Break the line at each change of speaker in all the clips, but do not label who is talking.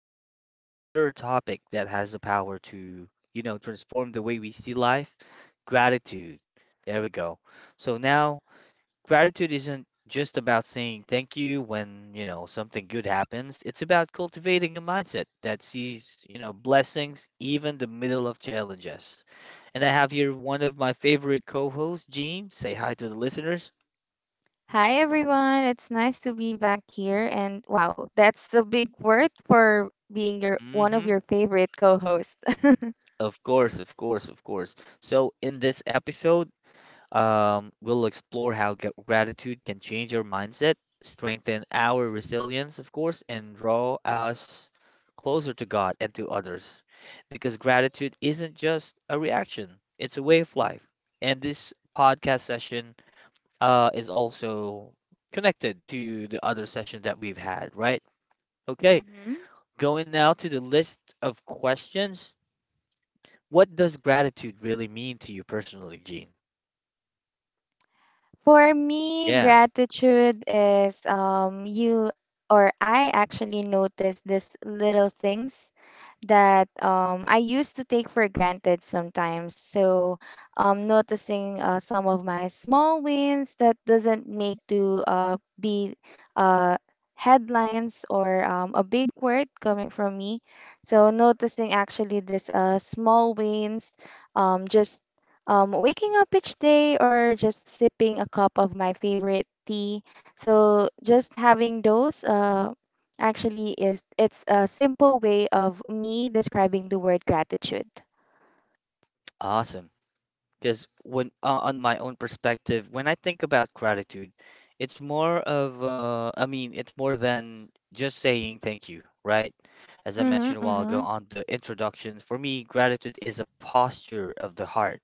we're diving another topic that has the power to, transform the way we see life, gratitude. There we go. So now gratitude isn't just about saying thank you when, something good happens. It's about cultivating a mindset that sees, blessings even the middle of challenges. And I have here one of my favorite co-hosts, Gene. Say hi to the listeners.
Hi everyone, it's nice to be back here and wow, that's a big word for being your one of
Mm-hmm.
your favorite co-hosts.
Of course, of course, of course. So, in this episode, we'll explore how gratitude can change our mindset, strengthen our resilience, of course, and draw us closer to God and to others. Because gratitude isn't just a reaction, it's a way of life. And this podcast session is also connected to the other session that we've had, right? Okay, going now to the list of questions, what does gratitude really mean to you personally, Gene?
For me,
Yeah,
gratitude is you or I actually notice these little things that I used to take for granted sometimes. So noticing some of my small wins that doesn't make to be uh headlines or a big word coming from me. So noticing actually this small wins just waking up each day or just sipping a cup of my favorite tea. So just having those actually is it's a simple way of me describing the word gratitude.
awesome. Because when on my own perspective, when I think about gratitude, it's more of I mean, it's more than just saying thank you, right? As I
Mhm,
mentioned a while ago
mhm,
on the introduction, for me, gratitude is a posture of the heart.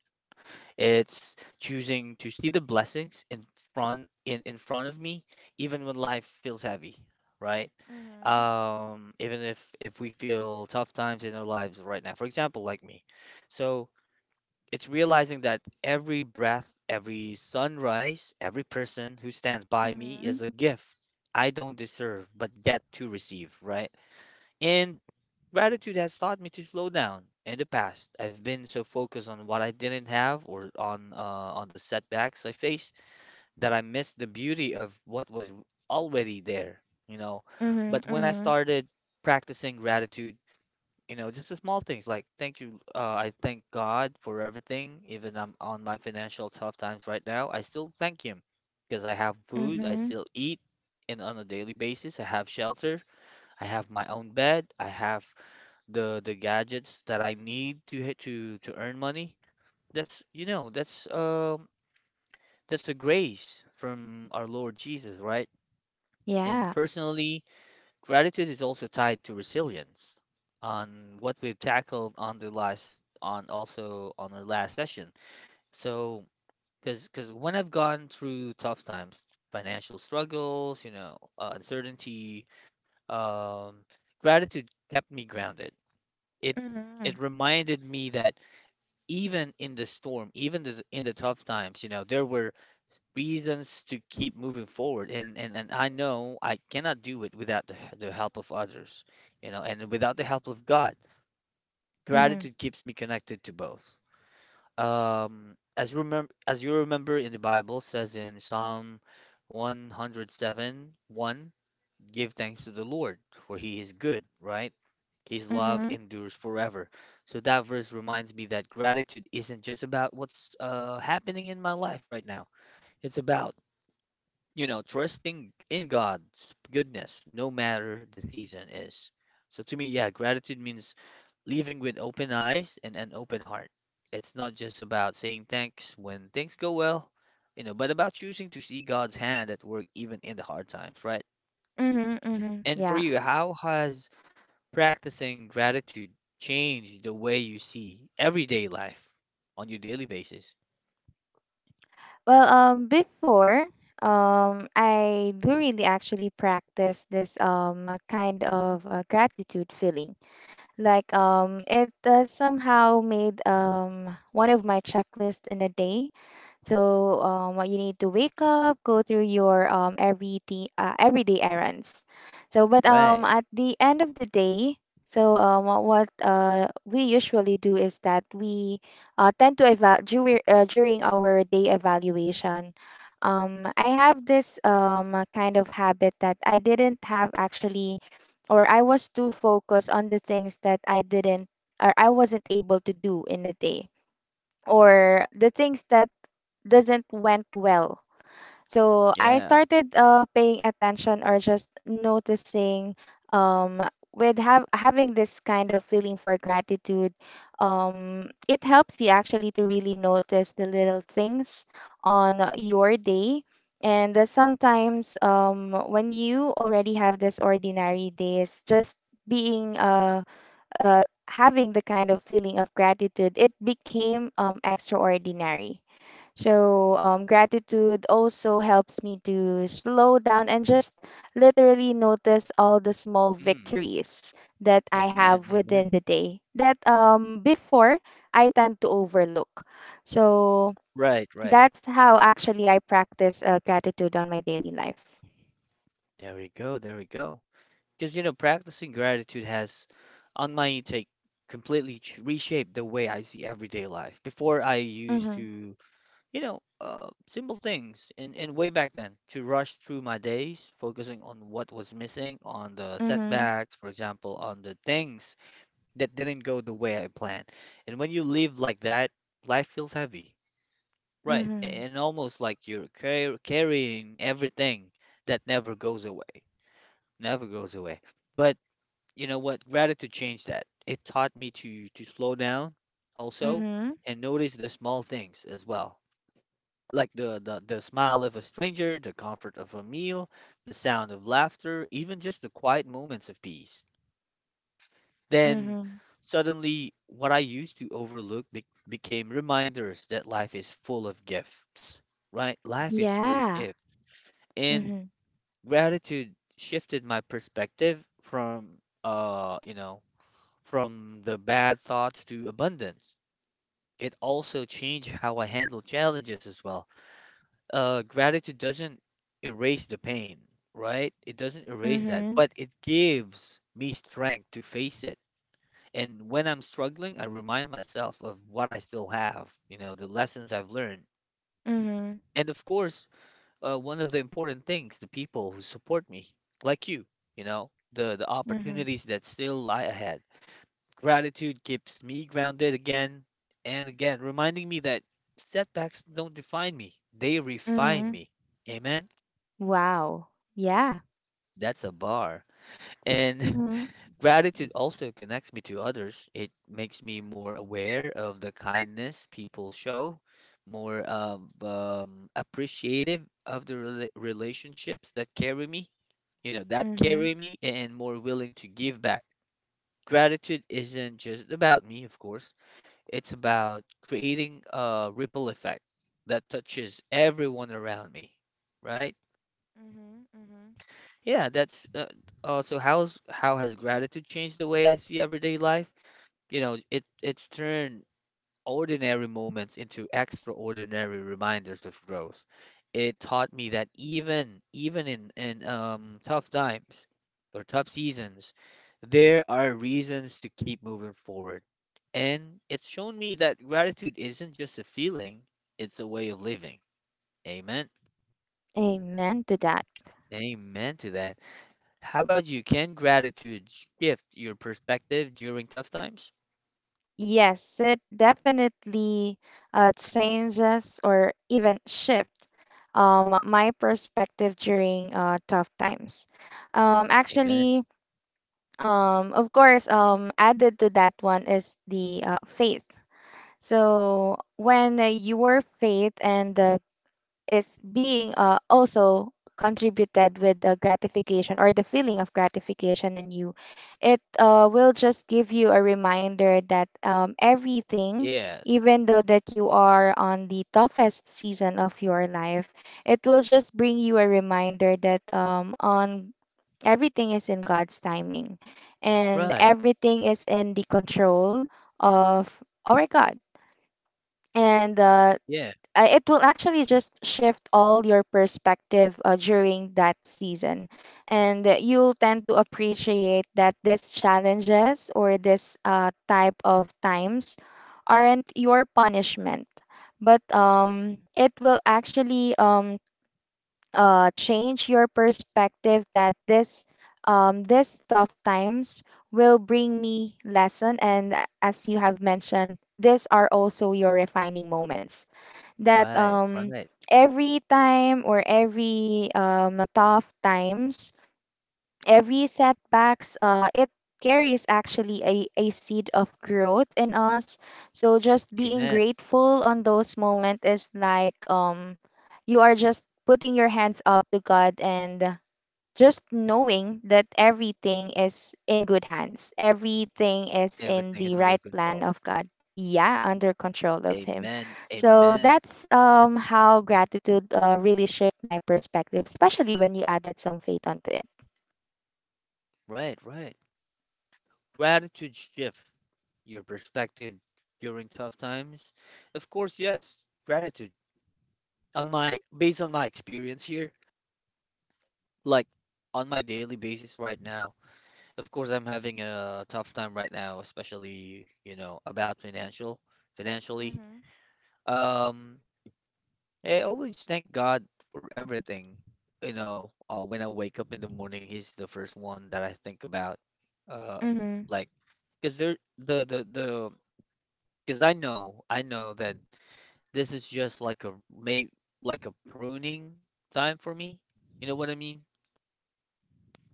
It's choosing to see the blessings in in front of me, even when life feels heavy, right?
mhm,
Even if we feel tough times in our lives right now. For example, like me. So it's realizing that every breath, every sunrise, every person who stands by me is a gift I don't deserve but get to receive, right? And gratitude has taught me to slow down. In the past, I've been so focused on what I didn't have or on the setbacks I faced that I missed the beauty of what was already there, you know.
mhm,
But when
mhm,
I
mhm,
started practicing gratitude, you know, just the small things like thank you, I thank God for everything, even I'm on my financial tough times right now, I still thank Him because I have food, I
mhm.
still eat. And on a daily basis, I have shelter, I have my own bed, I have the gadgets that I need to hit to earn money. That's you know, that's a grace from our Lord Jesus, right? And
Yeah.
personally, gratitude is also tied to resilience on what we've tackled on the last on also on our last session. So, because when I've gone through tough times, financial struggles, you know, uncertainty, um, gratitude kept me grounded. It
Mhm,
it reminded me that even in the storm, even in the tough times, you know, there were reasons to keep moving forward, and I know I cannot do it without the help of others, you know, and without the help of God.
mhm,
Gratitude keeps me connected to both. As remember as you remember, in the Bible, says in Psalm 107:1, give thanks to the Lord, for He is good, right? His love
mhm,
endures forever. So that verse reminds me that gratitude isn't just about what's happening in my life right now, it's about you know, trusting in God's goodness, no matter the season is. So to me, yeah, gratitude means living with open eyes and an open heart. It's not just about saying thanks when things go well, you know, but about choosing to see God's hand at work even in the hard times, right?
mhm, mhm.
And for
Yeah.
you, how has practicing gratitude changed the way you see everyday life on your daily basis?
Well, before, I do really actually practice this kind of gratitude feeling. Like it somehow made one of my checklists in a day. So what you need to wake up, go through your everyday errands. So but
Right.
at the end of the day, so what we usually do is that we tend to evaluate during during our day evaluation. I have this kind of habit that I didn't have actually or I was too focused on the things that I didn't or I wasn't able to do in a day or the things that doesn't went well, so I
Yeah.
started paying attention or just noticing um, with have having this kind of feeling for gratitude. It helps you actually to really notice the little things on your day. And sometimes when you already have this ordinary days, just being uh, having the kind of feeling of gratitude, it became extraordinary. So, gratitude also helps me to slow down and just literally notice all the small
Mm.
victories that I
Amen.
have within
Amen.
the day that before I tend to overlook. So,
Right, right.
that's how actually I practice gratitude on my daily life.
There we go. There we go. Because, you know, practicing gratitude has, on my intake, completely reshaped the way I see everyday life. Before, I used
Mm-hmm.
to, you know, simple things, and way back then, to rush through my days, focusing on what was missing, on the
Mm-hmm.
setbacks, for example, on the things that didn't go the way I planned. And when you live like that, life feels heavy, right?
Mm-hmm.
And almost like you're carrying everything that never goes away. But you know what? Gratitude changed that. It taught me to slow down also
Mm-hmm.
and notice the small things as well. Like the smile of a stranger, the comfort of a meal, the sound of laughter, even just the quiet moments of peace. Then
Mm-hmm.
suddenly what I used to overlook became reminders that life is full of gifts, right? Life is full of
Yeah.
gifts. And
Mm-hmm.
gratitude shifted my perspective from you know, from the bad thoughts to abundance. It also changed how I handle challenges as well. Gratitude doesn't erase the pain, right? It doesn't erase that,
Mm-hmm.
but it gives me strength to face it. And when I'm struggling, I remind myself of what I still have, you know, the lessons I've learned.
Mm-hmm.
And of course, one of the important things, the people who support me, like you know, the
Mm-hmm.
opportunities that still lie ahead. Gratitude keeps me grounded again and again, reminding me that setbacks don't define me, they refine
Mm-hmm.
me. Amen?
Wow. Yeah.
That's a bar. And
Mm-hmm.
gratitude also connects me to others. It makes me more aware of the kindness people show, more of, appreciative of the relationships that carry me, that
Mm-hmm.
carry me, and more willing to give back. Gratitude isn't just about me, of course. It's about creating a ripple effect that touches everyone around me, right?
Mm-hmm. Mm-hmm.
Yeah, that's so how's how has gratitude changed the way I see everyday life? You know, it's turned ordinary moments into extraordinary reminders of growth. It taught me that even in tough times or tough seasons, there are reasons to keep moving forward. And it's shown me that gratitude isn't just a feeling, it's a way of living. Amen.
Amen to that.
Amen to that. How about you? Can gratitude shift your perspective during tough times?
Yes, it definitely changes or even shift my perspective during tough times.
Amen.
Actually, of course, added to that one is the faith. So when your faith and is being also contributed with the gratification or the feeling of gratification in you, it will just give you a reminder that everything,
Yes.
even though that you are on the toughest season of your life, it will just bring you a reminder that on everything is in God's timing and
Right.
everything is in the control of our God. And
Yeah.
it will actually just shift all your perspective during that season. And you'll tend to appreciate that these challenges or this type of times aren't your punishment, but it will actually change your perspective that this this tough times will bring me lesson. And as you have mentioned, these are also your refining moments. That
Right. Right.
every time or every tough times, every setbacks, it carries actually a seed of growth in us. So just being
Amen.
grateful on those moments is like you are just putting your hands up to God and just knowing that everything is in good hands, everything is in
Everything
the
is
right
under
plan
control.
of God. Yeah, under control of Him.
Amen.
So
Amen.
that's how gratitude really shift my perspective, especially when you added some faith onto it.
Right, right. Gratitude shift your perspective during tough times. Of course, yes. Gratitude. On my based on my experience here, like on my daily basis right now. Of course, I'm having a tough time right now, especially, you know, about financial, financially.
Mhm.
Um, I always thank God for everything. You know, when I wake up in the morning, he's the first one that I think about. Uh,
Mhm.
like, because there the because I know that this is just like a may like a pruning time for me. You know what I mean?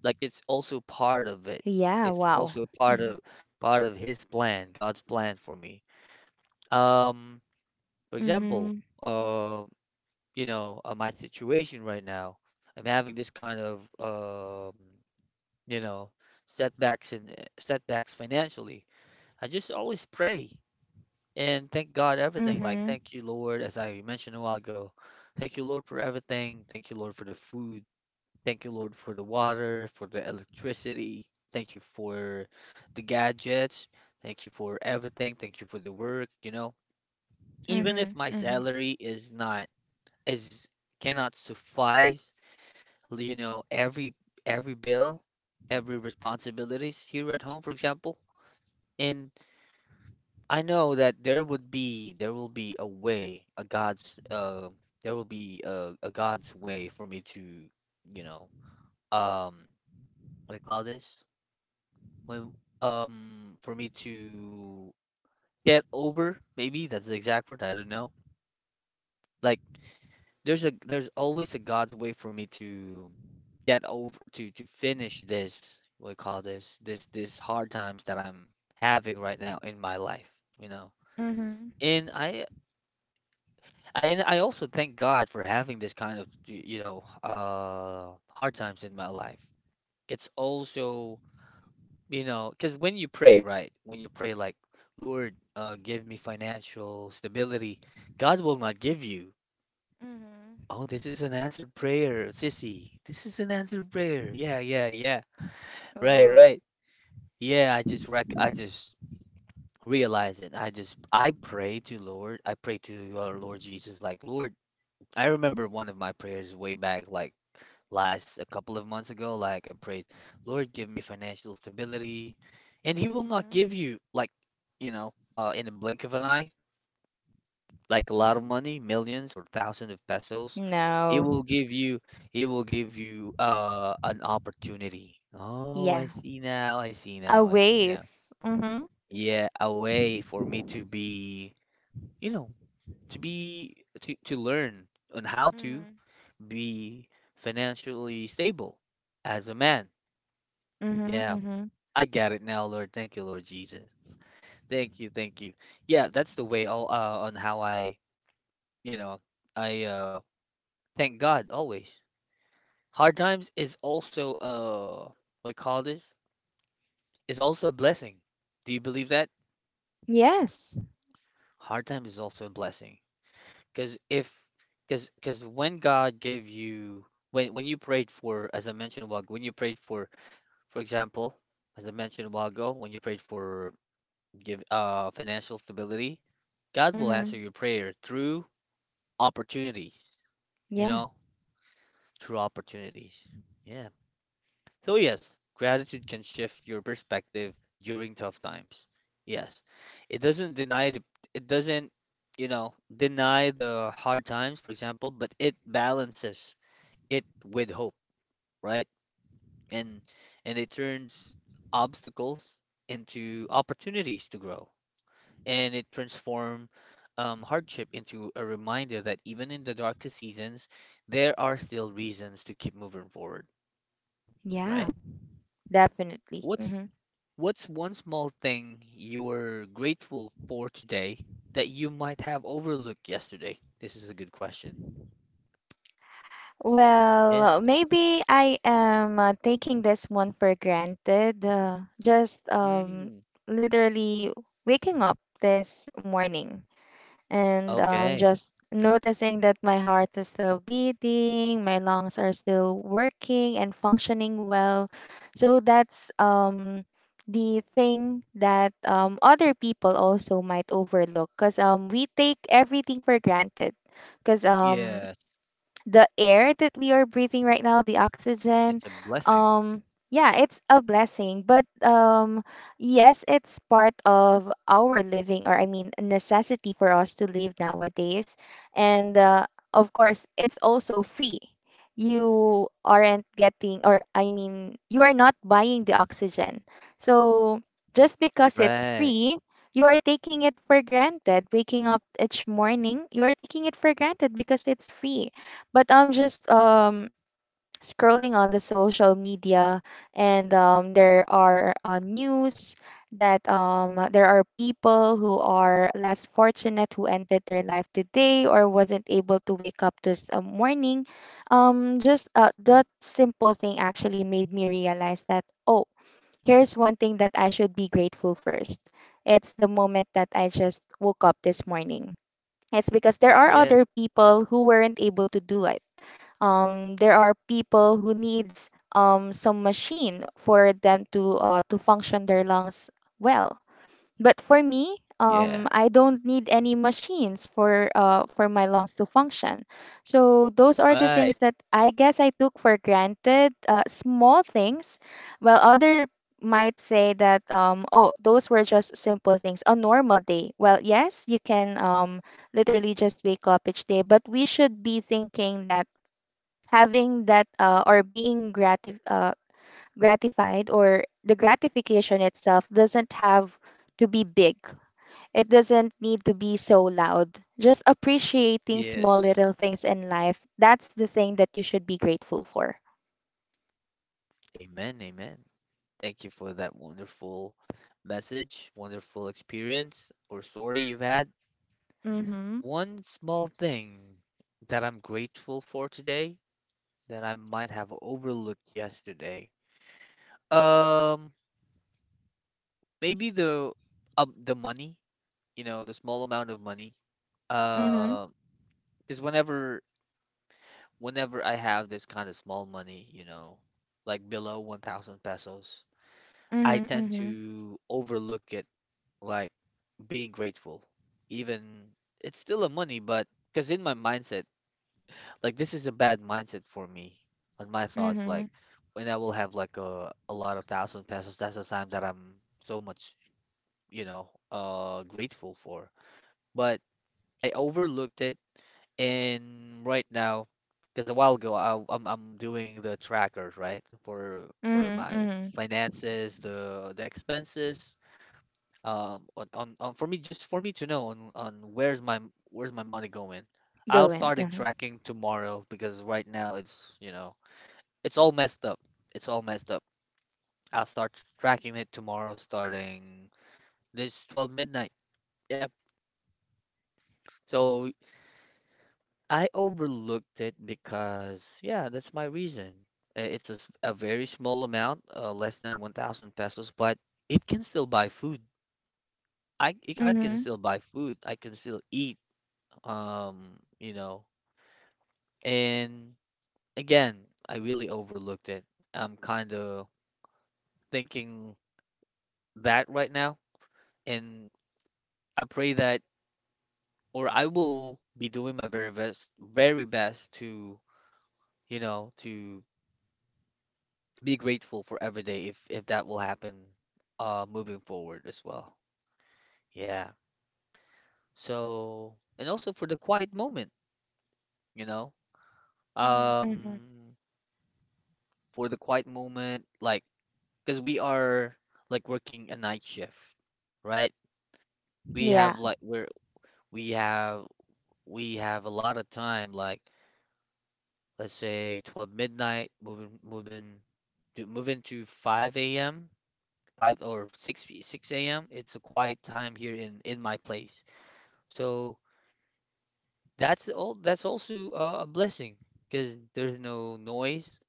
Like it's also part of
Yeah,
it.
wow.
It's
Mhm.
also part of his plan, God's plan for me. Um, for
Mhm.
example, um, you know, my situation right now. I'm having this kind of you know, setbacks and setbacks financially. I just always pray and thank God everything.
Mhm.
Like thank you, Lord, as I mentioned a while ago. Thank you, Lord, for everything. Thank you, Lord, for the food. Thank you, Lord, for the water, for the electricity. Thank you for the gadgets. Thank you for everything. Thank you for the work, you know. Even
Mhm.
if my
Mhm.
salary is not is cannot suffice you know, every bill, every responsibilities here at home, for example. And I know that there will be a way, a God's there will be a God's way for me to, you know, um, what do you call this? When for me to get over, maybe that's the exact word, I don't know. Like there's always a God's way for me to get over to finish this what do you call this this hard times that I'm having right now in my life, you know.
Mhm.
And I also thank God for having this kind of you know hard times in my life. It's also you know because when you pray right when you pray like Lord give me financial stability, God will not give you.
Mhm.
Oh, this is an answered prayer, sissy. This is an answered prayer. Yeah, yeah, yeah. Right,
Oh.
right. Yeah, I just realize it. I pray to Lord. I pray to our Lord Jesus like, Lord, I remember one of my prayers way back like last a couple of months ago like I prayed, Lord, give me financial stability. And he will not
Mhm.
give you like, you know, in a blink of an eye. Like a lot of
Mhm.
money, millions or thousands of pesos, it will
No.
give you it will give you an opportunity. Oh, I
Yeah.
see now, I see
A
now, I see now.
ways. Mm-hmm.
Yeah, a way for me to be, you know, to be to learn on how to
Mm-hmm.
be financially stable as a man.
Mm-hmm.
Yeah,
Mm-hmm.
I get it now, Lord. Thank you, Lord Jesus. Thank you, thank you. Yeah, that's the way all on how I, you know, I uh thank God always. Hard times is also what you call this? Is also a blessing. Do you believe that?
Yes.
Hard times is also a blessing. Because if because because when God gave you when you prayed for, as I mentioned a while ago, when you prayed for example, as I mentioned a while ago, when you prayed for give financial stability, God will
Mm-hmm.
answer your prayer through opportunities, you
Yeah.
know, through opportunities. Yeah. So, yes, gratitude can shift your perspective during tough times. Yes, it doesn't deny the, it doesn't, you know, deny the hard times, for example, but it balances it with hope, right? And and it turns obstacles into opportunities to grow, and it transform hardship into a reminder that even in the darkest seasons, there are still reasons to keep moving forward,
Yeah.
right?
Definitely.
What's
Mm-hmm.
What's one small thing you're grateful for today that you might have overlooked yesterday? This is a good question. Yes.
Well, maybe I am taking this one for granted. Just
Mm.
literally waking up this morning, and
Okay.
just noticing that my heart is still beating, my lungs are still working and functioning well. So that's the thing that other people also might overlook, because we take everything for granted. Because
Yes.
the air that we are breathing right now, the oxygen.
It's a blessing.
Um, yeah, it's a blessing. But yes, it's part of our living, or I mean, a necessity for us to live nowadays. And of course, it's also free. You aren't getting, or I mean, you are not buying the oxygen. So just because it's
Right.
free, you are taking it for granted. Waking up each morning, you are taking it for granted because it's free, but I'm just scrolling on the social media, and there are news that there are people who are less fortunate who ended their life today or wasn't able to wake up this morning. Just that simple thing actually made me realize that oh, here's one thing that I should be grateful first. It's the moment that I just woke up this morning. It's because there are
Yes.
other people who weren't able to do it. There are people who needs some machine for them to function their lungs well. But for me,
Yes.
I don't need any machines for my lungs to function. So those are the
Right.
things that I guess I took for granted, small things. Well, other might say that oh, those were just simple things, a normal day. Well, yes, you can literally just wake up each day, but we should be thinking that having that or being gratified or the gratification itself doesn't have to be big. It doesn't need to be so loud. Just appreciating small
Yes.
little things in life. That's the thing that you should be grateful for.
Amen, amen. Thank you for that wonderful message, wonderful experience or story you've had.
Mm-hmm.
One small thing that I'm grateful for today that I might have overlooked yesterday. Um, Maybe the money, you know, the small amount of money.
Mm-hmm.
Uh, because whenever I have this kind of small money, you know, like below 1,000 pesos, I
Mm-hmm.
tend
Mm-hmm.
to overlook it, like being grateful. Even it's still a money, but because in my mindset, like this is a bad mindset for me. On my thoughts,
Mm-hmm.
like when I will have like a lot of thousand pesos, that's the time that I'm so much, you know, grateful for. But I overlooked it, and right now, because a while ago, I'm doing the trackers, right, for
Mm-hmm.
my
Mm-hmm.
finances, the expenses, on, for me, just for me to know on where's my money going.
Go
I'll
in.
start it
Mm-hmm.
tracking tomorrow because right now it's, you know, it's all messed up. It's all messed up. I'll start tracking it tomorrow starting this 12 midnight. Yep. So I overlooked it because, yeah, that's my reason. It's a, a very small amount, less than 1,000 pesos, but it can still buy food. I can
Mm-hmm.
still buy food. I can still eat, you know. And again, I really overlooked it. I'm kind of thinking that right now, and I pray that, or I will be doing my very best to, you know, to be grateful for every day if that will happen moving forward as well. Yeah. So and also for the quiet moment, you know,
Mm-hmm. Mm-hmm.
um for the quiet moment, like because we are like working a night shift, right? we
Yeah.
have like we're we have we have a lot of time, like let's say 12 midnight moving to 5 a.m., 5 or 6 p- 6 a.m. It's a quiet time here in my place. So that's also a blessing because there's no noise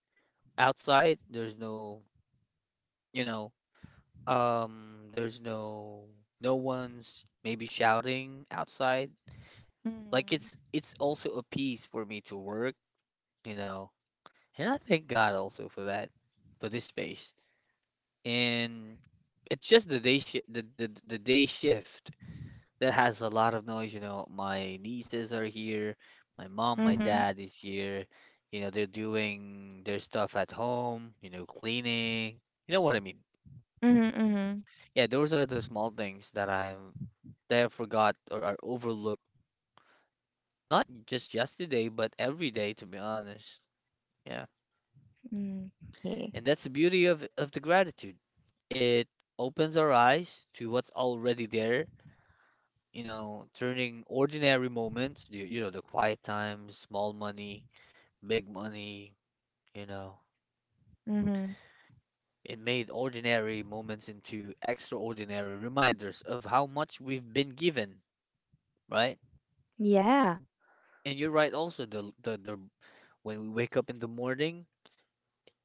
outside, there's no, you know, um, there's no, no one's maybe shouting outside. Like
Mm-hmm.
it's also a piece for me to work, you know. And I thank God also for that, for this space. And it's just the day shift that has a lot of noise. You know, my nieces are here, my mom, my
Mm-hmm.
dad is here. You know, they're doing their stuff at home, you know, cleaning. You know what I mean?
Mm-hmm.
Yeah, those are the small things that I, that I forgot or are overlooked. Not just yesterday, but every day, to be honest. Yeah.
Mm-hmm. Okay.
And that's the beauty of the gratitude. It opens our eyes to what's already there, you know, turning ordinary moments, you know, the quiet times, small money, big money, you know.
Mm-hmm.
It made ordinary moments into extraordinary reminders of how much we've been given, right?
Yeah.
And you're right also, the when we wake up in the morning,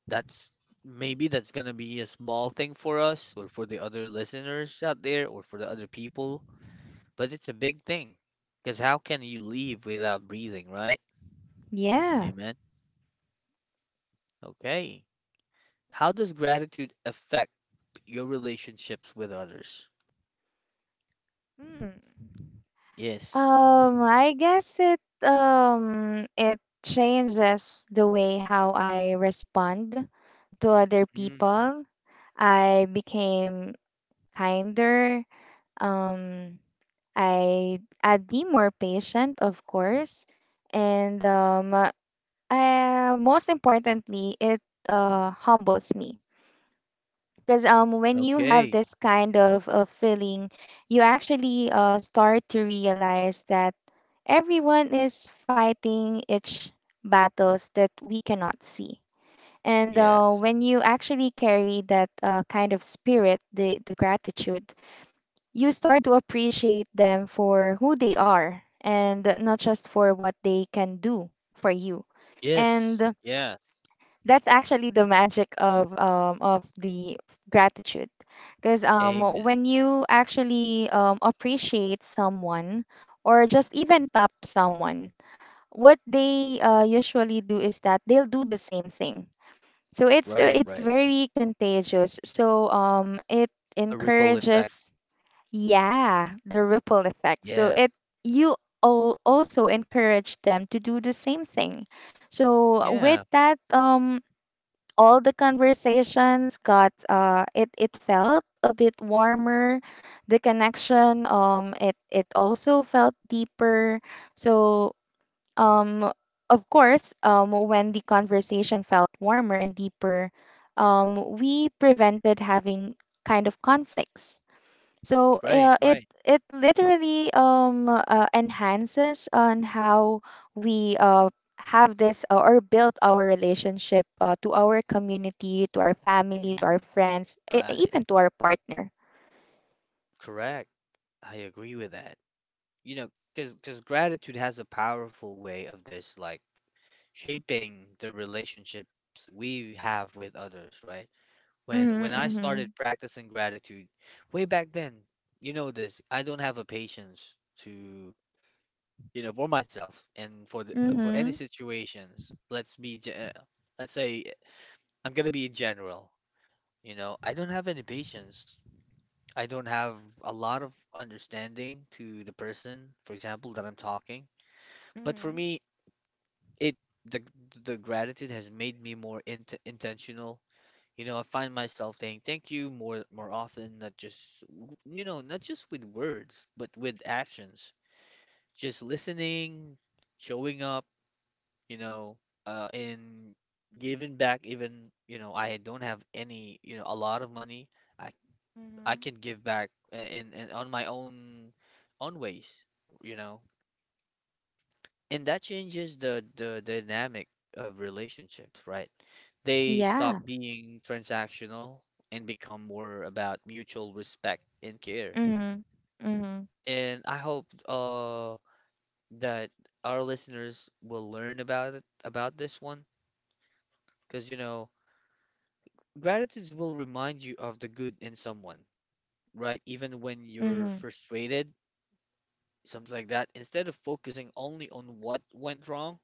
that's, maybe that's gonna be a small thing for us or for the other listeners out there or for the other people, but it's a big thing. Because how can you leave without breathing, right?
Yeah.
Amen. Okay. How does gratitude affect your relationships with others?
Hmm.
Yes.
I guess it it changes the way how I respond to other
Mm.
people. I became kinder. Um, I'd be more patient, of course, and I, most importantly, it humbles me. Because when you have
Okay.
this kind of feeling, you actually start to realize that everyone is fighting each battles that we cannot see. And
Yes.
when you actually carry that kind of spirit, the gratitude, you start to appreciate them for who they are and not just for what they can do for you.
Yes.
And
Yeah.
that's actually the magic of the gratitude, because
Amen.
when you actually appreciate someone or just even tap someone, what they usually do is that they'll do the same thing. So
Right,
it's
right.
very contagious. So it
A ripple effect.
encourages, yeah, the ripple effect. So
Yeah.
it, you al- also encourage them to do the same thing. So with
Yeah.
that all the conversations got it it felt a bit warmer, the connection it it also felt deeper. So um of course when the conversation felt warmer and deeper, we prevented having kind of conflicts. So
Right,
it
right.
it literally enhances on how we have this or build our relationship to our community, to our family, to our
Mm,
friends,
right.
even to our partner.
Correct. I agree with that. You know, because gratitude has a powerful way of this, like shaping the relationships we have with others, right? When
Mm-hmm,
I
mm-hmm.
started practicing gratitude way back then, you know this, I don't have a patience to, you know, for myself and for the, for any
Mm-hmm.
situations. Let's say I'm gonna be general. You know, I don't have any patience. I don't have a lot of understanding to the person, for example, that I'm talking. But for
Mm-hmm.
me, it the the gratitude has made me more intentional. You know, I find myself saying thank you more often, not just you know, not just with words, but with actions. Just listening, showing up, you know, in giving back, even, you know, I don't have any, you know, a lot of money, I I
Mm-hmm.
can give back in on my own own ways, you know. And that changes the dynamic of relationships, right? They stop
Yeah.
being transactional and become more about mutual respect and care.
Mm-hmm. Mm-hmm.
And I hope that our listeners will learn about it, about this one, because you know, gratitude will remind you of the good in someone, right? Even when you're
Mm-hmm.
frustrated, something like that. Instead of focusing only on what went wrong,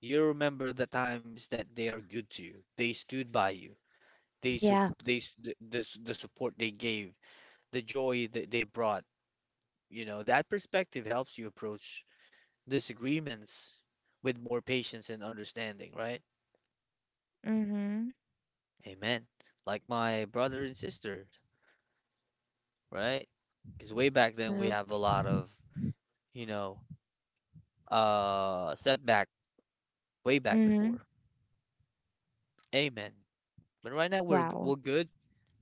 you remember the times that they are good to you. They stood by you.
Yeah.
The support they gave, the joy that they brought. You know, that perspective helps you approach disagreements with more patience and understanding, right?
Mm-hmm.
Amen. Like my brother and sister, right? Because way back then we
Mm.
have a lot of, you know, setback way back
Mm-hmm.
before. Amen. But right now we're
Wow.
good.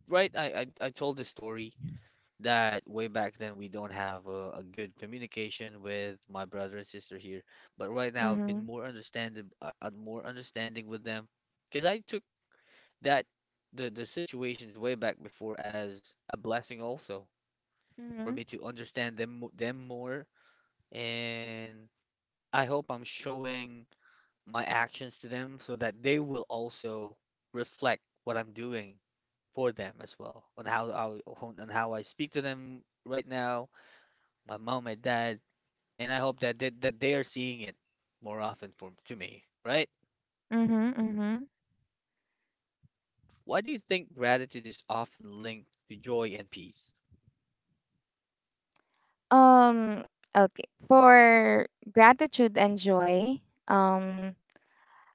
Right? I told the story that way back then we don't have a good communication with my brother and sister here. But right now I've been
Mm-hmm.
more understanding, more understanding with them because I took that, the situations way back before as a blessing also for
Mm-hmm.
me to understand them more. And I hope I'm showing my actions to them so that they will also reflect what I'm doing for them as well, on how I speak to them right now, my mom, my dad, and I hope that they are seeing it more often from to me, right?
Mm-hmm. Mm-hmm.
Why do you think gratitude is often linked to joy and peace?
Um, okay. For gratitude and joy, um,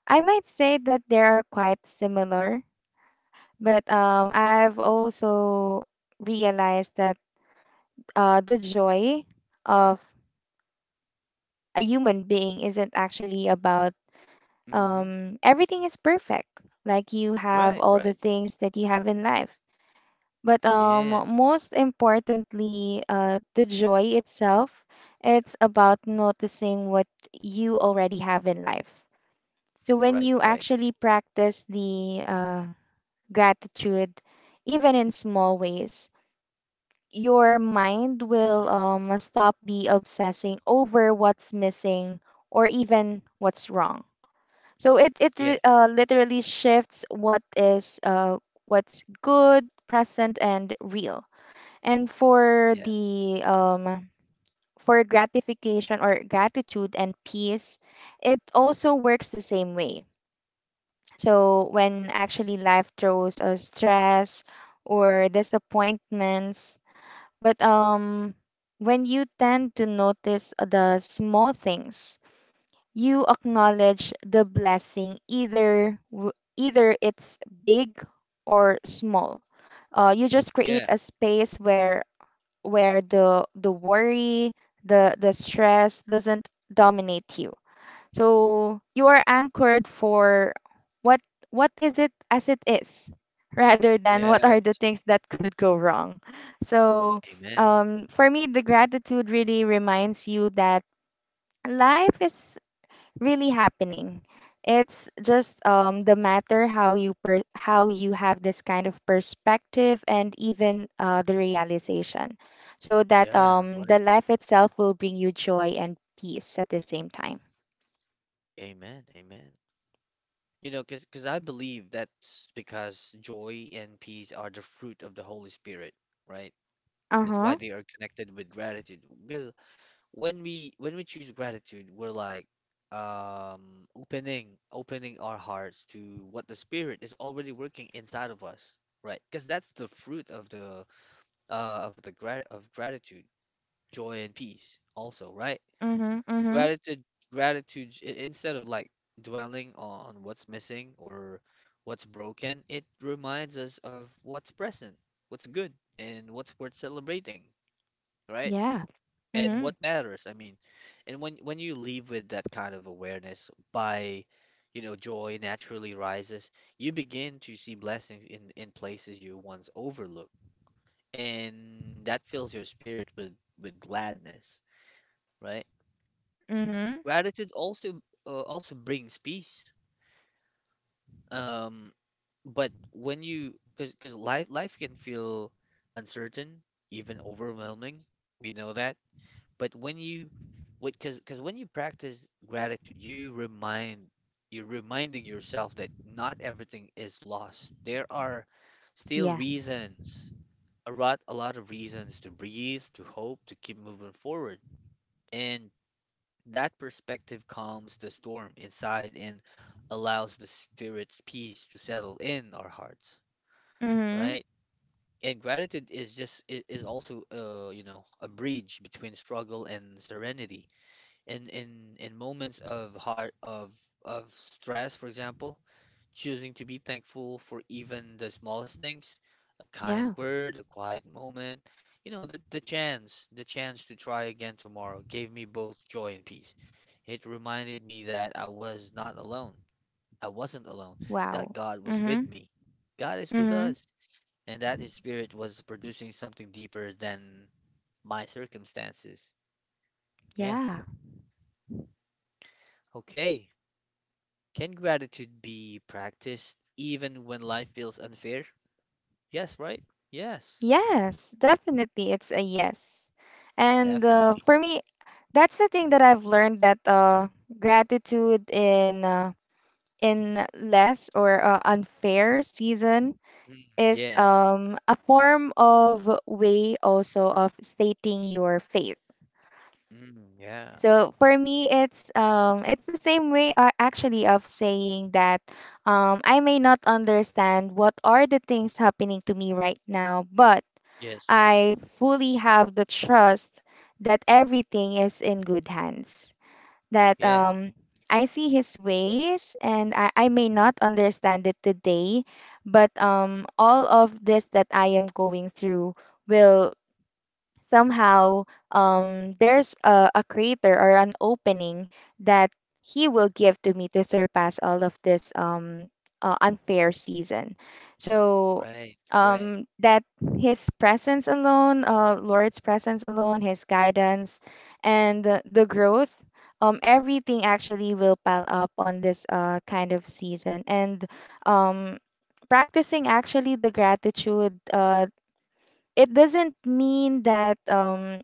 I might say that they are quite similar, but I've also realized that the joy of a human being isn't actually about
Mm-hmm.
everything is perfect. Like you have
Right,
all the
right.
things that you have in life. But
Yes,
most importantly, the joy itself, it's about noticing what you already have in life. So when
right,
you
right.
actually practice the gratitude, even in small ways, your mind will
Mm-hmm.
stop be obsessing over what's missing or even what's wrong. So it
Yeah,
literally shifts what is what's good, present, and real. And for
yeah,
the for gratification or gratitude and peace, it also works the same way. So when actually life throws us stress or disappointments, but when you tend to notice the small things, you acknowledge the blessing, either either it's big or small. You just create
yeah,
a space where the worry, the stress doesn't dominate you. So you are anchored for what what is it as it is rather than what are the
yes.
things that could go wrong. So
Amen.
for me, the gratitude really reminds you that life is really happening. It's just the matter how you how you have this kind of perspective and even the realization, so that
Yeah, right.
the life itself will bring you joy and peace at the same time.
Amen, amen. You know, because I believe that's because joy and peace are the fruit of the Holy Spirit, right?
Uh
That's why
huh.
they are connected with gratitude. Because when we choose gratitude, we're like opening our hearts to what the Spirit is already working inside of us, right? Because that's the fruit of the gratitude, joy and peace also, right?
Mhm. Mhm.
gratitude gratitude, instead of like dwelling on what's missing or what's broken, it reminds us of what's present, what's good, and what's worth celebrating, right?
Yeah.
And what
Mhm.
matters, I mean. And when you leave with that kind of awareness by, you know, joy naturally rises. You begin to see blessings in places you once overlooked, and that fills your spirit with gladness, right?
Mhm.
Gratitude also also brings peace. Um, but when you, because life can feel uncertain, even overwhelming. We know that. But when you what, because when you practice gratitude, you remind, you're reminding yourself that not everything is lost. There are still
Yeah.
reasons, a lot of reasons to breathe, to hope, to keep moving forward. And that perspective calms the storm inside and allows the spirit's peace to settle in our hearts,
Mhm.
right? And gratitude is just is also, you know, a bridge between struggle and serenity in in moments of heart of stress, for example, choosing to be thankful for even the smallest things, a kind
Yeah.
word, a quiet moment, you know, the chance, the chance to try again tomorrow, gave me both joy and peace. It reminded me that I was not alone. I wasn't alone,
Wow.
that God was with
Mhm.
me. God is with
Mhm.
us, and that His Spirit was producing something deeper than my circumstances. Yeah.
Yeah.
Okay. Can gratitude be practiced even when life feels unfair? Yes, right? Yes,
Yes, definitely. It's a yes. And
definitely.
For me, that's the thing that I've learned that gratitude in less or unfair season is
Yes.
a form of way also of stating your faith.
Yeah.
So for me, it's the same way actually of saying that I may not understand what are the things happening to me right now, but
Yes.
I fully have the trust that everything is in good hands. That
Yeah.
I see His ways, and I may not understand it today, but all of this that I am going through will somehow there's a crater or an opening that he will give to me to surpass all of this unfair season. So
Right. Right.
um, that his presence alone, Lord's presence alone, his guidance, and the growth. Everything actually will pile up on this kind of season. And um, practicing actually the gratitude it doesn't mean that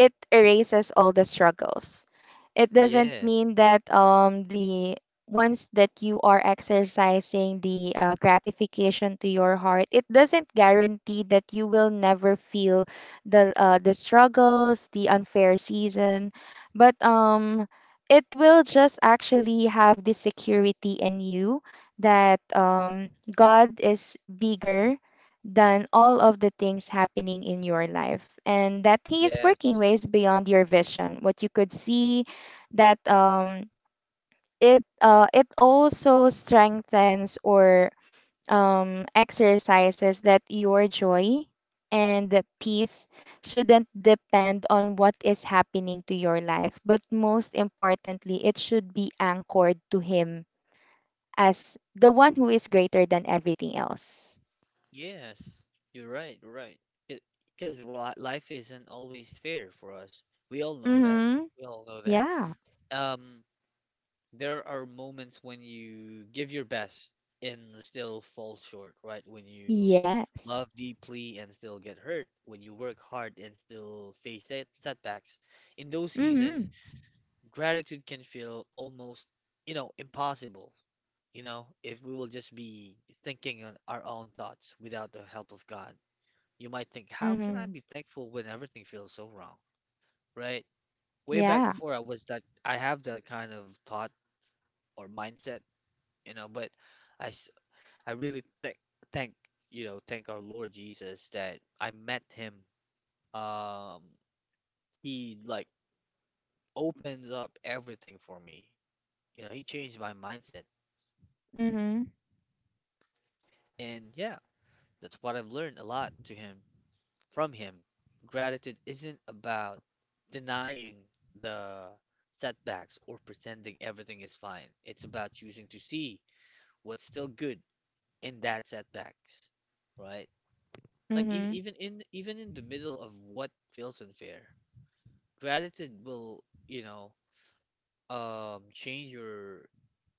it erases all the struggles. It doesn't
Yes.
mean that the once that you are exercising the gratification to your heart, it doesn't guarantee that you will never feel the struggles, the unfair season, but it will just actually have the security in you that God is bigger than all of the things happening in your life, and that he is working
Yes.
ways beyond your vision what you could see. That um it uh it also strengthens or exercises that your joy and the peace shouldn't depend on what is happening to your life, but most importantly it should be anchored to him as the one who is greater than everything else.
Yes. You're right. You're right. Because life isn't always fair for us. We all know that.
Mhm.
We all know that.
Yeah.
Um, there are moments when you give your best and still fall short, right? When you
Yes.
love deeply and still get hurt, when you work hard and still face setbacks. In those seasons,
Mhm.
gratitude can feel almost, impossible, you know, if we will just be thinking on our own thoughts without the help of God. You might think, how can I
Mhm.
be thankful when everything feels so wrong, right? Way back
Yeah.
before I was that, I have that kind of thought or mindset you know. But I, s- I really thank thank our Lord Jesus that I met him. Um, he like opened up everything for me. You know, he changed my mindset,
Mhm.
and yeah, that's what I've learned a lot to him from him. Gratitude isn't about denying the setbacks or pretending everything is fine. It's about choosing to see what's still good in that setbacks, right? Like
Mhm.
even in the middle of what feels unfair, gratitude will, you know, change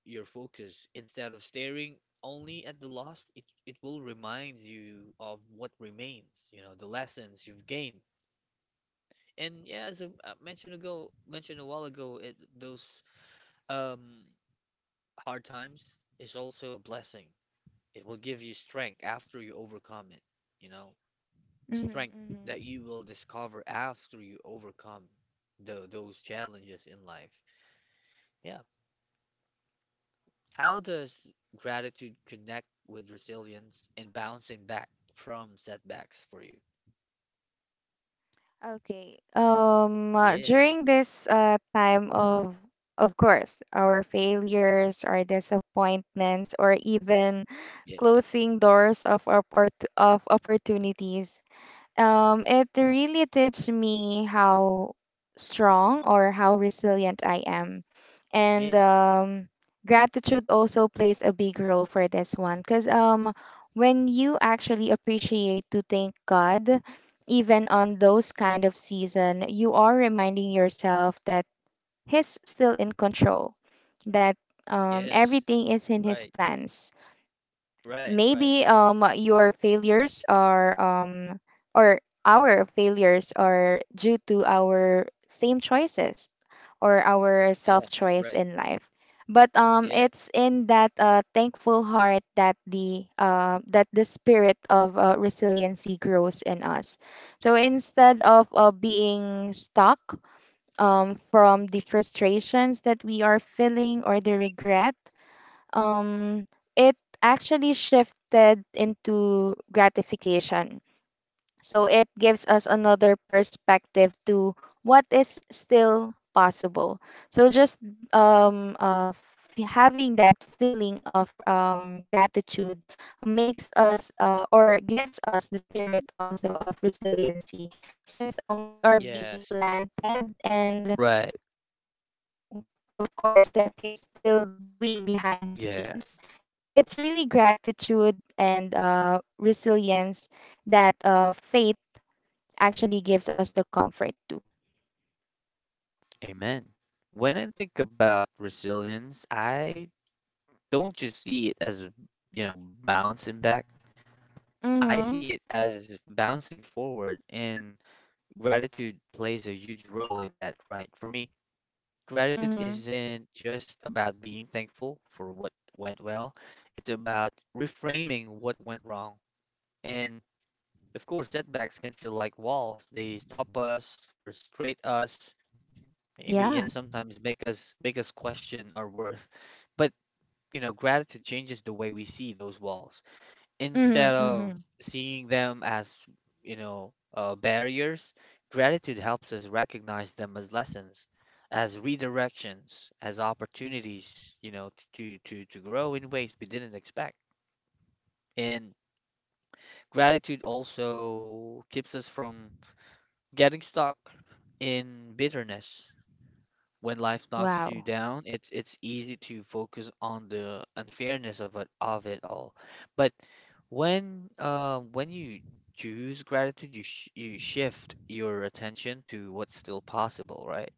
your focus. Instead of staring only at the loss, it will remind you of what remains, you know, the lessons you've gained. And yeah, as mentioned a while ago, those um hard times is also a blessing. It will give you strength after you overcome it, you know. The
Mhm.
strength
Mhm.
that you will discover after you overcome those challenges in life. Yeah. How does gratitude connect with resilience and bouncing back from setbacks for you?
Okay.
Yeah.
During this time of course, our failures, our disappointments, or even
Yeah.
closing doors of of opportunities. It really teach me how strong or how resilient I am. And
Yes.
um, gratitude also plays a big role for this one, because when you actually appreciate to thank God, even on those kind of season, you are reminding yourself that He's still in control, that
Yes.
everything is in His
Right.
plans.
Right. Right.
Maybe your failures are or our failures are due to our same choices or our self
Yeah.
choice in
Right.
life, but
Yes.
it's in that thankful heart that the that the spirit of resiliency grows in us. So instead of being stuck from the frustrations that we are feeling or the regret, um, it actually shifted into gratification. So it gives us another perspective to what is still possible. So just having that feeling of gratitude makes us or gives us the spirit also of resiliency, since we are being
Yes.
planted and
Right.
we know, of course, that he's still doing behind the
Yeah.
scenes. So it's really gratitude and resilience that faith actually gives us the comfort to.
Amen. When I think about resilience, I don't just see it as, you know, bouncing back. I
Mm-hmm.
see it as bouncing forward, and gratitude plays a huge role in that, right? For me, gratitude
Mm-hmm.
isn't just about being thankful for what went well, it's about reframing what went wrong. And of course, setbacks can feel like walls. They stop us, frustrate us,
Yeah.
maybe and sometimes make us question our worth. But, you know, gratitude changes the way we see those walls. Instead
Mm-hmm.
of
Mm-hmm.
seeing them as, you know, barriers, gratitude helps us recognize them as lessons, as redirections, as opportunities, you know, to grow in ways we didn't expect. And gratitude also keeps us from getting stuck in bitterness. When life knocks you
Wow.
down, it's easy to focus on the unfairness of it all. But when you choose gratitude, you shift your attention to what's still possible, right?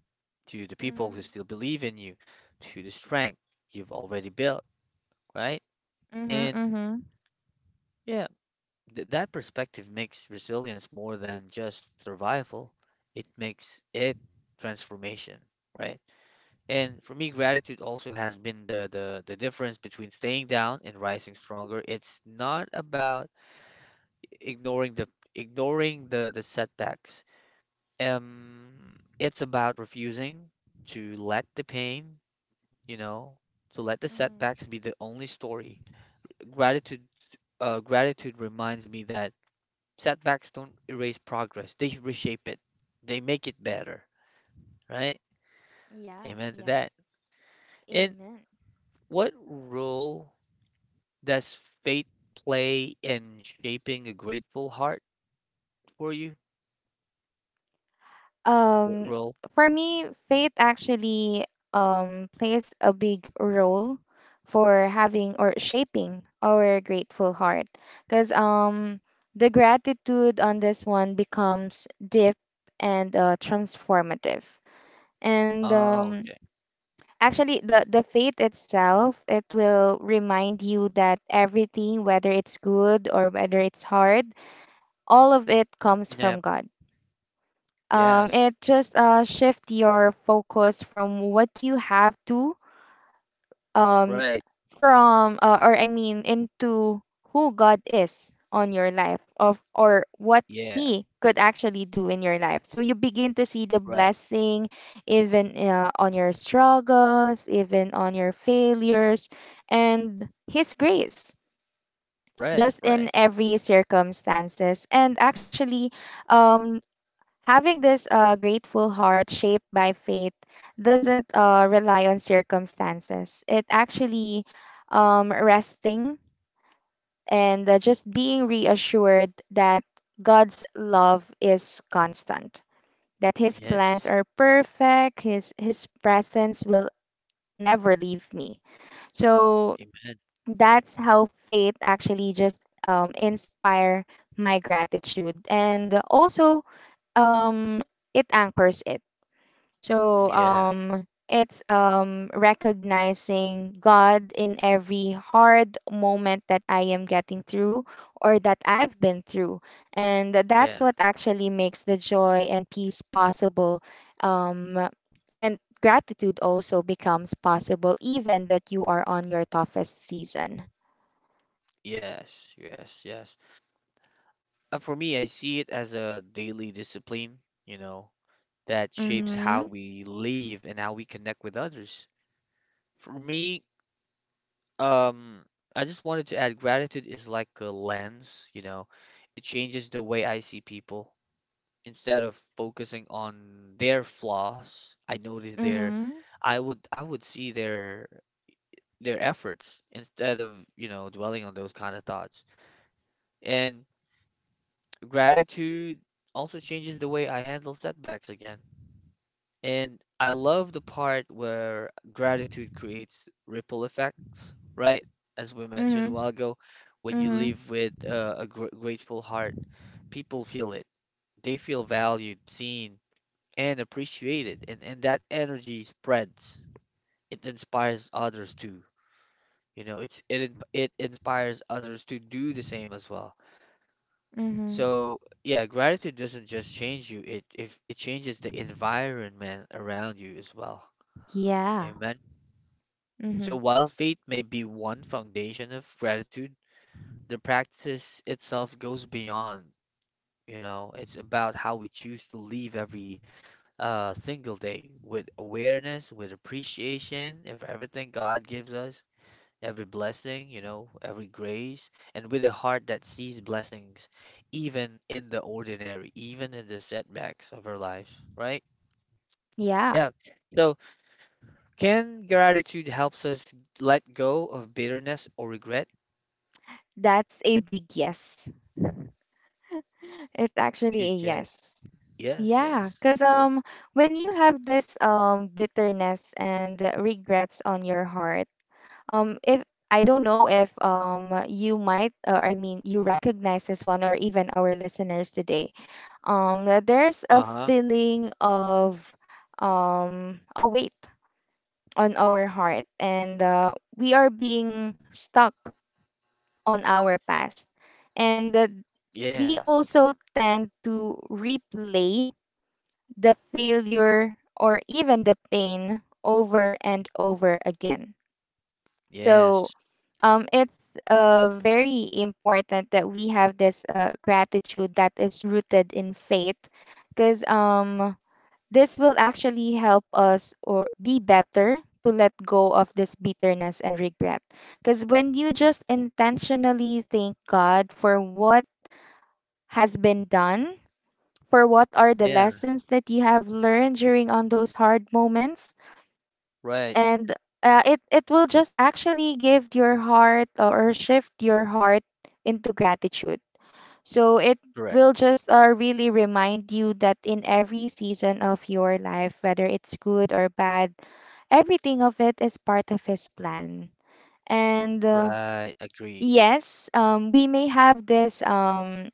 To the people
Mm-hmm.
who still believe in you, to the strength you've already built, right?
Mm-hmm.
And
Mm-hmm.
yeah, th that perspective makes resilience more than just survival. It makes it transformation, right? And for me, gratitude also has been the difference between staying down and rising stronger. It's not about ignoring the ignoring the setbacks. It's about refusing to let the pain, you know, to let the
Mm-hmm.
setbacks be the only story. Gratitude, gratitude reminds me that setbacks don't erase progress. They reshape it. They make it better, right?
Yeah.
Amen to
Yeah.
that. And
Amen.
what role does fate play in shaping a grateful heart for you? What
Um,
role?
for me,
Mm.
faith actually plays a big role for having or shaping our grateful heart. Because the gratitude on this one becomes deep and transformative. And
Oh,
um,
okay.
actually, the faith itself, it will remind you that everything, whether it's good or whether it's hard, all of it comes from
Yep.
God.
Yes.
It just shift your focus from what you have to um,
Right.
from or I mean into who God is on your life of, or what
Yeah.
he could actually do in your life. So you begin to see the
Right.
blessing even on your struggles, even on your failures, and his grace
Right.
just
Right.
in every circumstances. And actually um having this grateful heart shaped by faith doesn't rely on circumstances. It actually resting and just being reassured that God's love is constant, that His plans
Yes.
are perfect, His presence will never leave me. So
Amen.
that's how faith actually just inspire my gratitude, and also um, it anchors it. So
Yeah.
um it's recognizing God in every hard moment that I am getting through or that I've been through. And that's
Yeah.
what actually makes the joy and peace possible. Um and gratitude also becomes possible even that you are on your toughest season.
Yes. Yes. Yes. For me, I see it as a daily discipline, you know, that shapes how
Mhm.
we live and how we connect with others. For me, Um, I just wanted to add gratitude is like a lens, you know, it changes the way I see people. Instead of focusing on their flaws,
Mhm.
I would see their efforts instead of, you know, dwelling on those kind of thoughts. And gratitude also changes the way I handle setbacks again. And I love the part where gratitude creates ripple effects, right? As we mentioned a
Mhm.
while ago, when you
Mhm.
live with a gr grateful heart, people feel it. They feel valued, seen, and appreciated, and that energy spreads. It inspires others too. You know, it inspires others to do the same as well.
Mhm.
So yeah, gratitude doesn't just change you, it if it changes the environment around you as well.
Yeah.
Amen.
Mhm.
So while faith may be one foundation of gratitude, the practice itself goes beyond, you know, it's about how we choose to live every single day with awareness, with appreciation of everything God gives us, every blessing, you know, every grace, and with a heart that sees blessings even in the ordinary, even in the setbacks of our lives, right?
Yeah.
Yeah. So can gratitude helps us let go of bitterness or regret?
That's a big yes. It's actually a
Good guess.
yes.
Yes,
Yeah,
yes,
because
of course.
when you have this bitterness and regrets on your heart, if I don't know if you might, or I mean, you recognize this one, or even our listeners today, that there's a
Uh-huh.
feeling of a weight on our heart, and we are being stuck on our past. And
Yeah.
We also tend to replay the failure or even the pain over and over again. So
Yes.
um, it's very important that we have this gratitude that is rooted in faith, because this will actually help us or be better to let go of this bitterness and regret. Because when you just intentionally thank God for what has been done, for what are the
Yeah.
lessons that you have learned during on those hard moments,
Right.
and it it will just actually give your heart or shift your heart into gratitude, so it
Correct.
will just really remind you that in every season of your life, whether it's good or bad, everything of it is part of his plan. And
Right. Agree.
yes, we may have this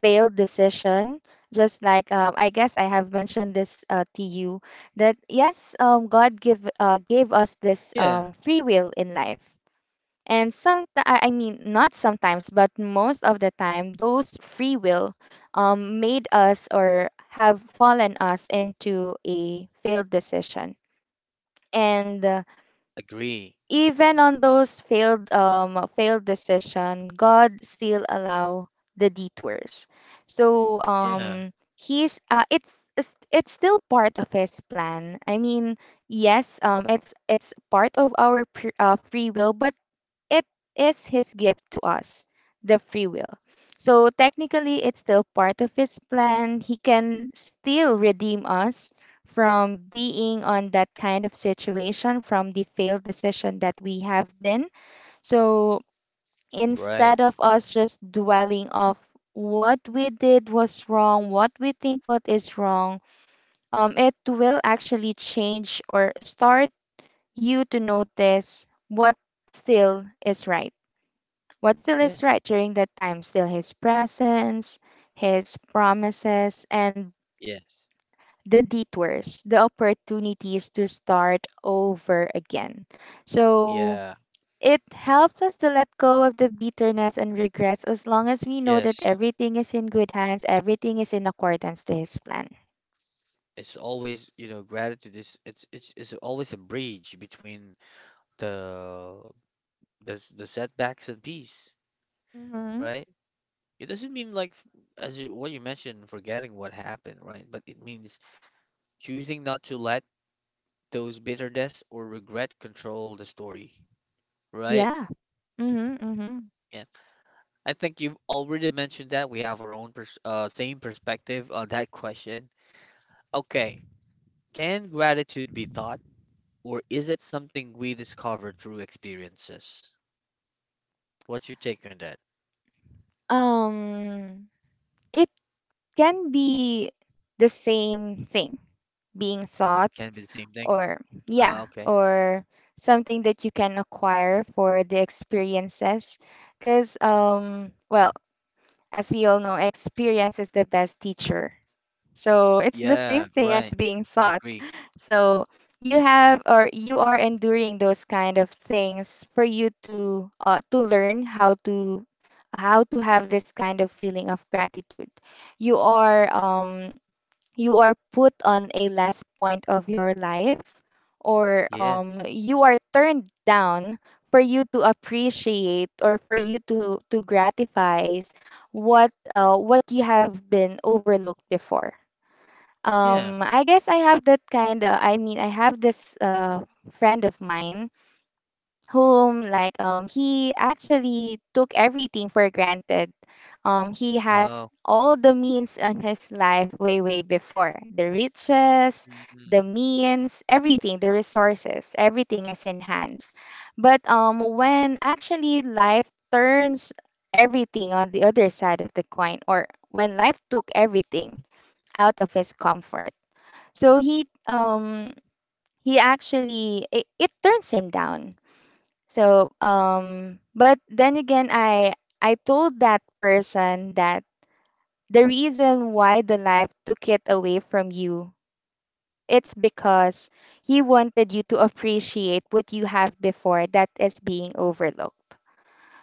failed decision, just like I guess I have mentioned this to you that yes, God give gave us this
Yeah.
um, free will in life. And some, I mean, not sometimes, but most of the time, those free will made us or have fallen us into a failed decision. And
Agree.
even on those failed decision, God still allow the detours. So
Yeah.
um, he's it's it's still part of his plan. I mean, yes, it's part of our free will, but it is his gift to us, the free will. So technically, it's still part of his plan. He can still redeem us from being on that kind of situation, from the failed decision that we have been. So
Right.
instead of us just dwelling of what we did was wrong, what we think what is wrong, it will actually change or start you to notice what still is right. What still is
Yes.
right during that time? Still his presence, his promises, and
Yes.
the detours, the opportunities to start over again. So
Yeah.
it helps us to let go of the bitterness and regrets, as long as we know that
Yes.
everything is in good hands, everything is in accordance to his plan.
It's always, you know, gratitude is it's it's always a bridge between the the setbacks and peace,
Mm-hmm.
right? It doesn't mean as you what you mentioned, forgetting what happened, right? But it means choosing not to let those bitterness or regret control the story, right?
Yeah. Mm-hmm, mm-hmm.
Yeah, I think you've already mentioned that we have our own same perspective on that question. Okay, can gratitude be taught, or is it something we discover through experiences? What's your take on that?
Um, it can be the same thing being thought,
Can it be the same thing?
or yeah,
Okay.
or something that you can acquire for the experiences, because well, as we all know, experience is the best teacher, so it's the
Yeah,
same thing
right.
as being thought.
Agree.
So you have or you are enduring those kind of things for you to learn how to have this kind of feeling of gratitude. you are um you are put on a last point of your life, or
Yeah.
you are turned down for you to appreciate, or for you to gratify what you have been overlooked before.
Yeah.
I guess I have that kind of, I mean, I have this friend of mine whom like he actually took everything for granted. He has
Oh.
all the means in his life way, way before. The riches, the
Mm.
means, everything, the resources, everything is in hands. But when actually life turns everything on the other side of the coin, or when life took everything out of his comfort, so he um he actually it turns him down. So but then again, I told that person that the reason why the knife took it away from you, it's because he wanted you to appreciate what you have before that is being overlooked.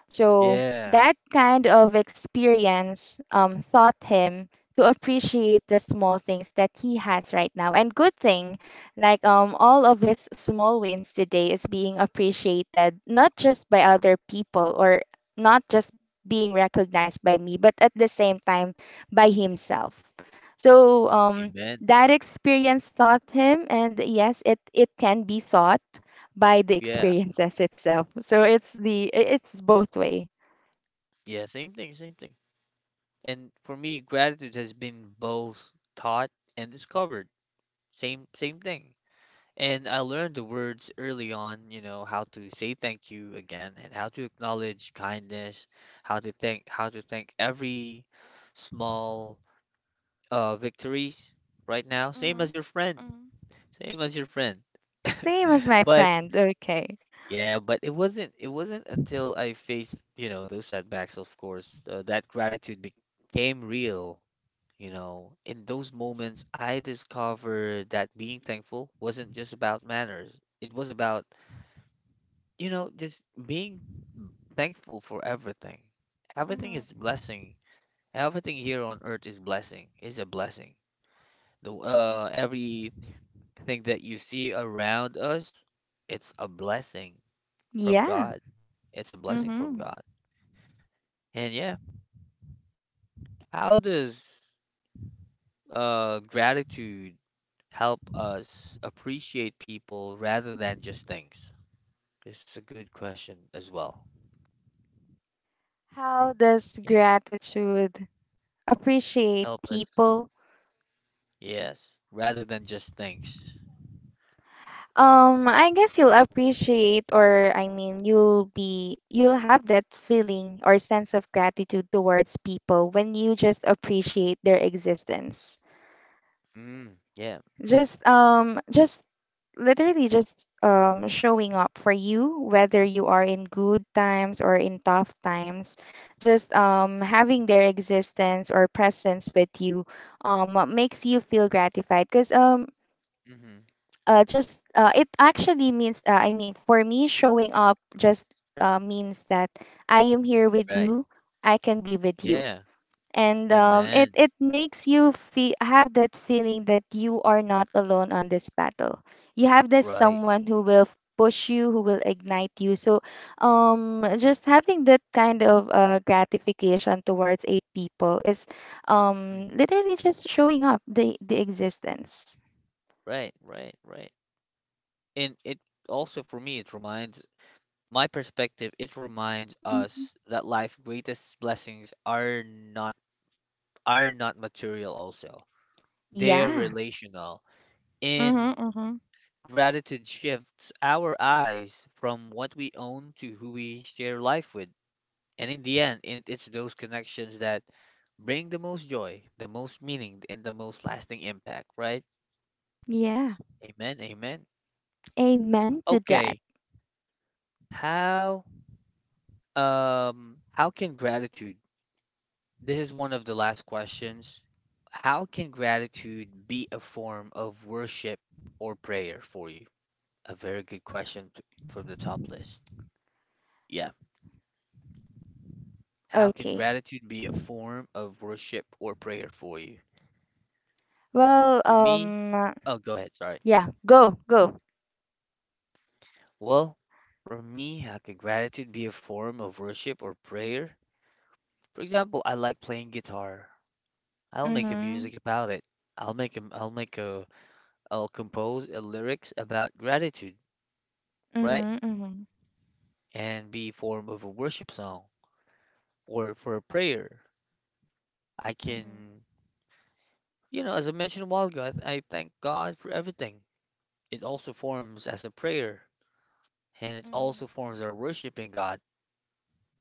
So
Yeah.
that kind of experience taught him to appreciate the small things that he has right now. And good thing, like all of his small wins today is being appreciated, not just by other people, or not just being recognized by me, but at the same time by himself. So
Amen.
that experience taught him, and yes, it can be thought by the
Yeah.
experiences itself. So it's both way.
Yeah. Same thing. Same thing. And for me, gratitude has been both taught and discovered. Same same thing. And I learned the words early on, you know, how to say thank you again and how to acknowledge kindness, how to thank every small victories right now. Same as
Mhm.
your friend.
Mhm.
Same as your friend.
Same as my
But
friend. Okay.
yeah, but it wasn't until I faced, you know, those setbacks, of course, that gratitude became real. You know, in those moments, I discovered that being thankful wasn't just about manners. It was about, you know, just being thankful for everything. Everything
Mhm.
is blessing. Everything here on earth is a blessing. The everything that you see around us, it's a blessing from
Yeah.
God. It's a blessing from
Mhm.
God. And yeah, how does gratitude help us appreciate people rather than just things? This is a good question as well.
How does
It
gratitude appreciate
help us,
people?
yes, rather than just things.
I guess you'll appreciate, or I mean you'll have that feeling or sense of gratitude towards people when you just appreciate their existence.
Mm, yeah.
Just literally just showing up for you whether you are in good times or in tough times, just having their existence or presence with you makes you feel gratified, because
Mm-hmm.
just it actually means I mean for me, showing up just means that I am here with
Right.
you. I can be with you.
Yeah,
And it
amen.
it makes you feel, have that feeling that you are not alone on this battle. You have this
Right.
someone who will push you, who will ignite you. So, just having that kind of gratification towards a people is
Mm-hmm.
literally just showing up the existence.
Right, right, right. And it also, for me, it reminds
Hmm.
us that life's greatest blessings are not material also. They're
Yeah.
relational. In
Mm-hmm. Mm-hmm.
gratitude shifts our eyes from what we own to who we share life with. And in the end, it's those connections that bring the most joy, the most meaning, and the most lasting impact, right?
Yeah,
Amen. Amen.
amen to that.
Okay. How how can gratitude, this is one of the last questions, how can gratitude be a form of worship or prayer for you? A very good question from the top list. Yeah. How can
Okay.
gratitude be a form of worship or prayer for you?
Well,
For me, oh, go ahead. Sorry.
yeah, go, go.
Well, for me, how can gratitude be a form of worship or prayer? For example, I like playing guitar. I'll make a
Mm-hmm,
music about it. I'll make a, I'll make a, I'll compose a lyrics about gratitude, right?
mm-hmm.
And be form of a worship song or for a prayer. I
Mhm.
can, you know, as I mentioned a while ago, I thank God for everything. It also forms as a prayer and it
Mhm.
also forms of worshiping God.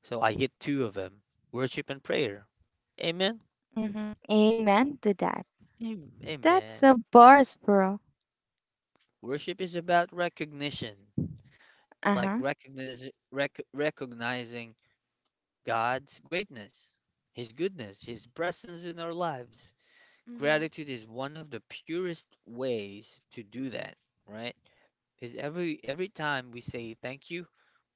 So I hit two of them, worship and prayer. Amen.
Mhm. Amen to that. That's
Amen.
a bars, bro.
Worship is about recognition, like
Uh-huh.
recognizing God's greatness, His goodness, His presence in our lives.
Mhm.
Gratitude is one of the purest ways to do that, right? 'Cause every time we say thank you,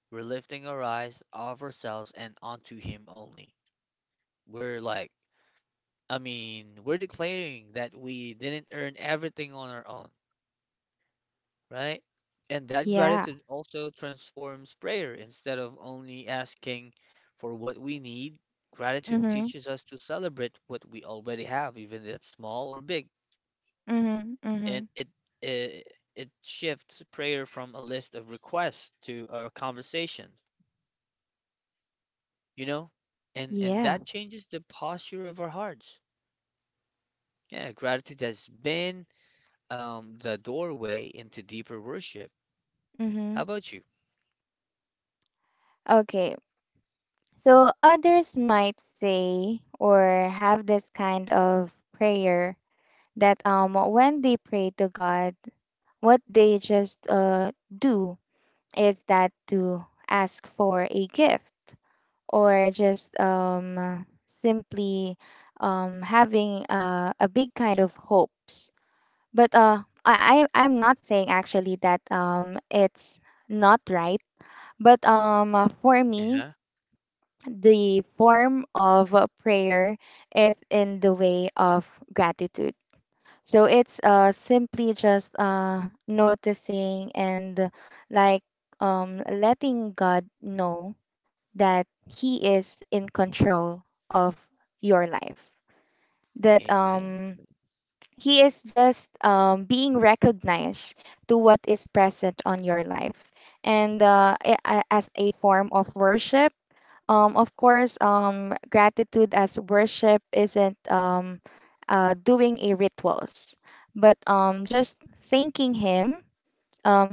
we're lifting our eyes off ourselves and onto Him only. We're like I mean, we're declaring that we didn't earn everything on our own, right? And that
Yeah.
gratitude also transforms prayer. Instead of only asking for what we need, gratitude
Mhm.
teaches us to celebrate what we already have, even if it's small or big.
Mhm.
And
Mhm.
it, it shifts prayer from a list of requests to a conversation, you know? And
Yeah.
that changes the posture of our hearts. Yeah, gratitude has been the doorway into deeper worship. How
Mhm.
about you?
Okay. So others might say or have this kind of prayer that when they pray to God, what they just do is that to ask for a gift, or just simply having a big kind of hopes. But I- I'm not saying actually that it's not right. But for me,
Uh-huh.
the form of prayer is in the way of gratitude. So it's simply just noticing and like letting God know that he is in control of your life, that
Amen.
um he is just being recognized to what is present on your life, and as a form of worship. Of course, gratitude as worship isn't doing a rituals, but just thanking him,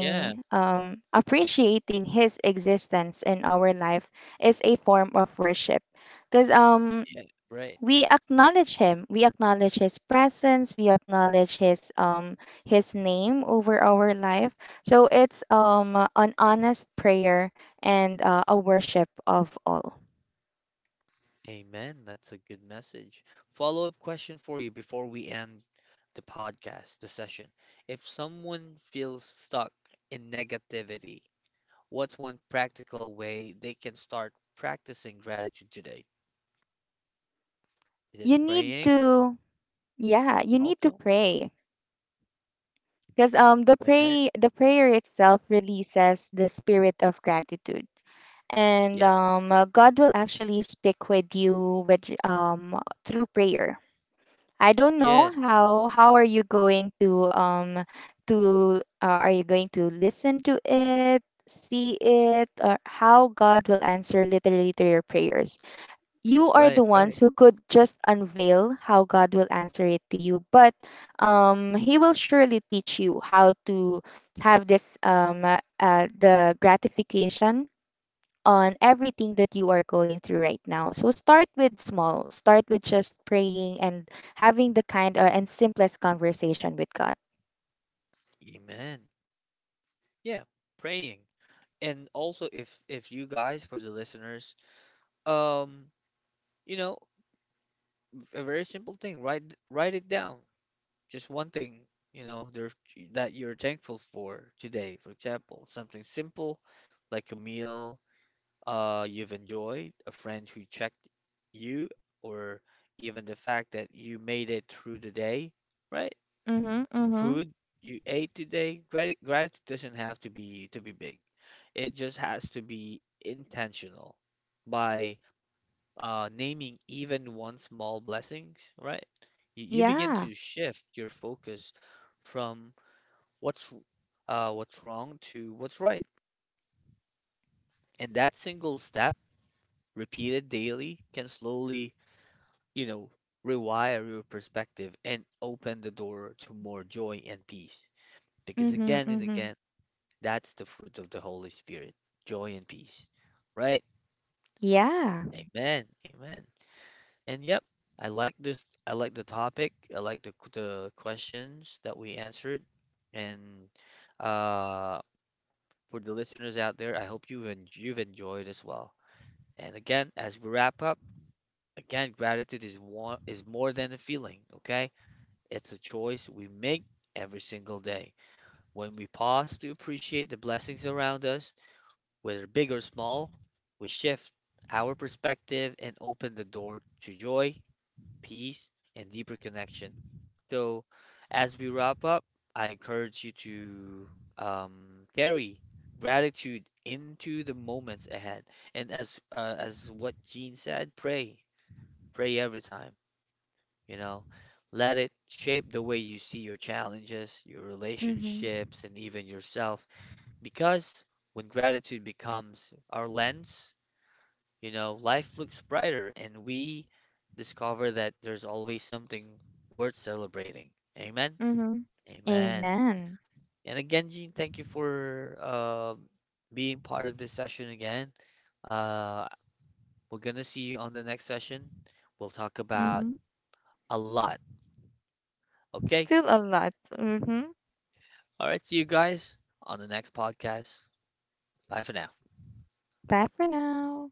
Yeah,
appreciating his existence in our life is a form of worship, because
yeah, right.
we acknowledge him, we acknowledge his presence, we acknowledge his name over our life. So it's an honest prayer and a worship of all.
Amen. That's a good message. Follow-up question for you before we end the podcast, the session. If someone feels stuck in negativity, what's one practical way they can start practicing gratitude today? Is it
You need
praying
to, yeah, you need to
also?
pray, because
Amen.
the prayer itself releases the spirit of gratitude. and
Yes.
um, uh, God will actually speak with you with through prayer. I don't know
Yes.
how are you going to are you going to listen to it, see it, or how God will answer literally to your prayers. You are the
Right,
ones
right.
who could just unveil how God will answer it to you, but He will surely teach you how to have this the gratification on everything that you are going through right now. So start with small. Start with just praying and having the kind and simplest conversation with God.
Amen. Yeah, praying. And also if you guys for the listeners um you know a very simple thing, write it down just one thing, you know, there that you're thankful for today, for example, something simple like a meal you've enjoyed, a friend who checked you, or even the fact that you made it through the day, right,
Mhm. Mhm.
food you ate today, gratitude doesn't have to be big. It just has to be intentional by naming even one small blessings, right? You begin
Yeah.
to shift your focus from what's what's wrong to what's right. And that single step, repeated daily, can slowly, you know, rewire your perspective and open the door to more joy and peace. Because
Mhm.
again and
Mhm.
again, that's the fruit of the Holy Spirit, joy and peace. Right?
Yeah.
Amen. Amen. And yep, I like this. I like the topic. I like the questions that we answered. And uh, for the listeners out there, I hope you've enjoyed as well. And again, as we wrap up, again, gratitude is one is more than a feeling, okay? It's a choice we make every single day. When we pause to appreciate the blessings around us, whether big or small, we shift our perspective and open the door to joy, peace, and deeper connection. So, as we wrap up, I encourage you to carry gratitude into the moments ahead. And as what Jean said, pray, pray every time. You know, let it shape the way you see your challenges, your
Mhm.
relationships, and even yourself. Because when gratitude becomes our lens, you know, life looks brighter, and we discover that there's always something worth celebrating. Amen.
Mhm.
Amen.
Amen.
And again, Gene, thank you for being part of this session again. Uh, we're gonna see you on the next session. We'll talk about
Mhm.
a lot. Okay.
Still a lot. Mhm.
All right. See you guys on the next podcast. Bye for now.
Bye for now.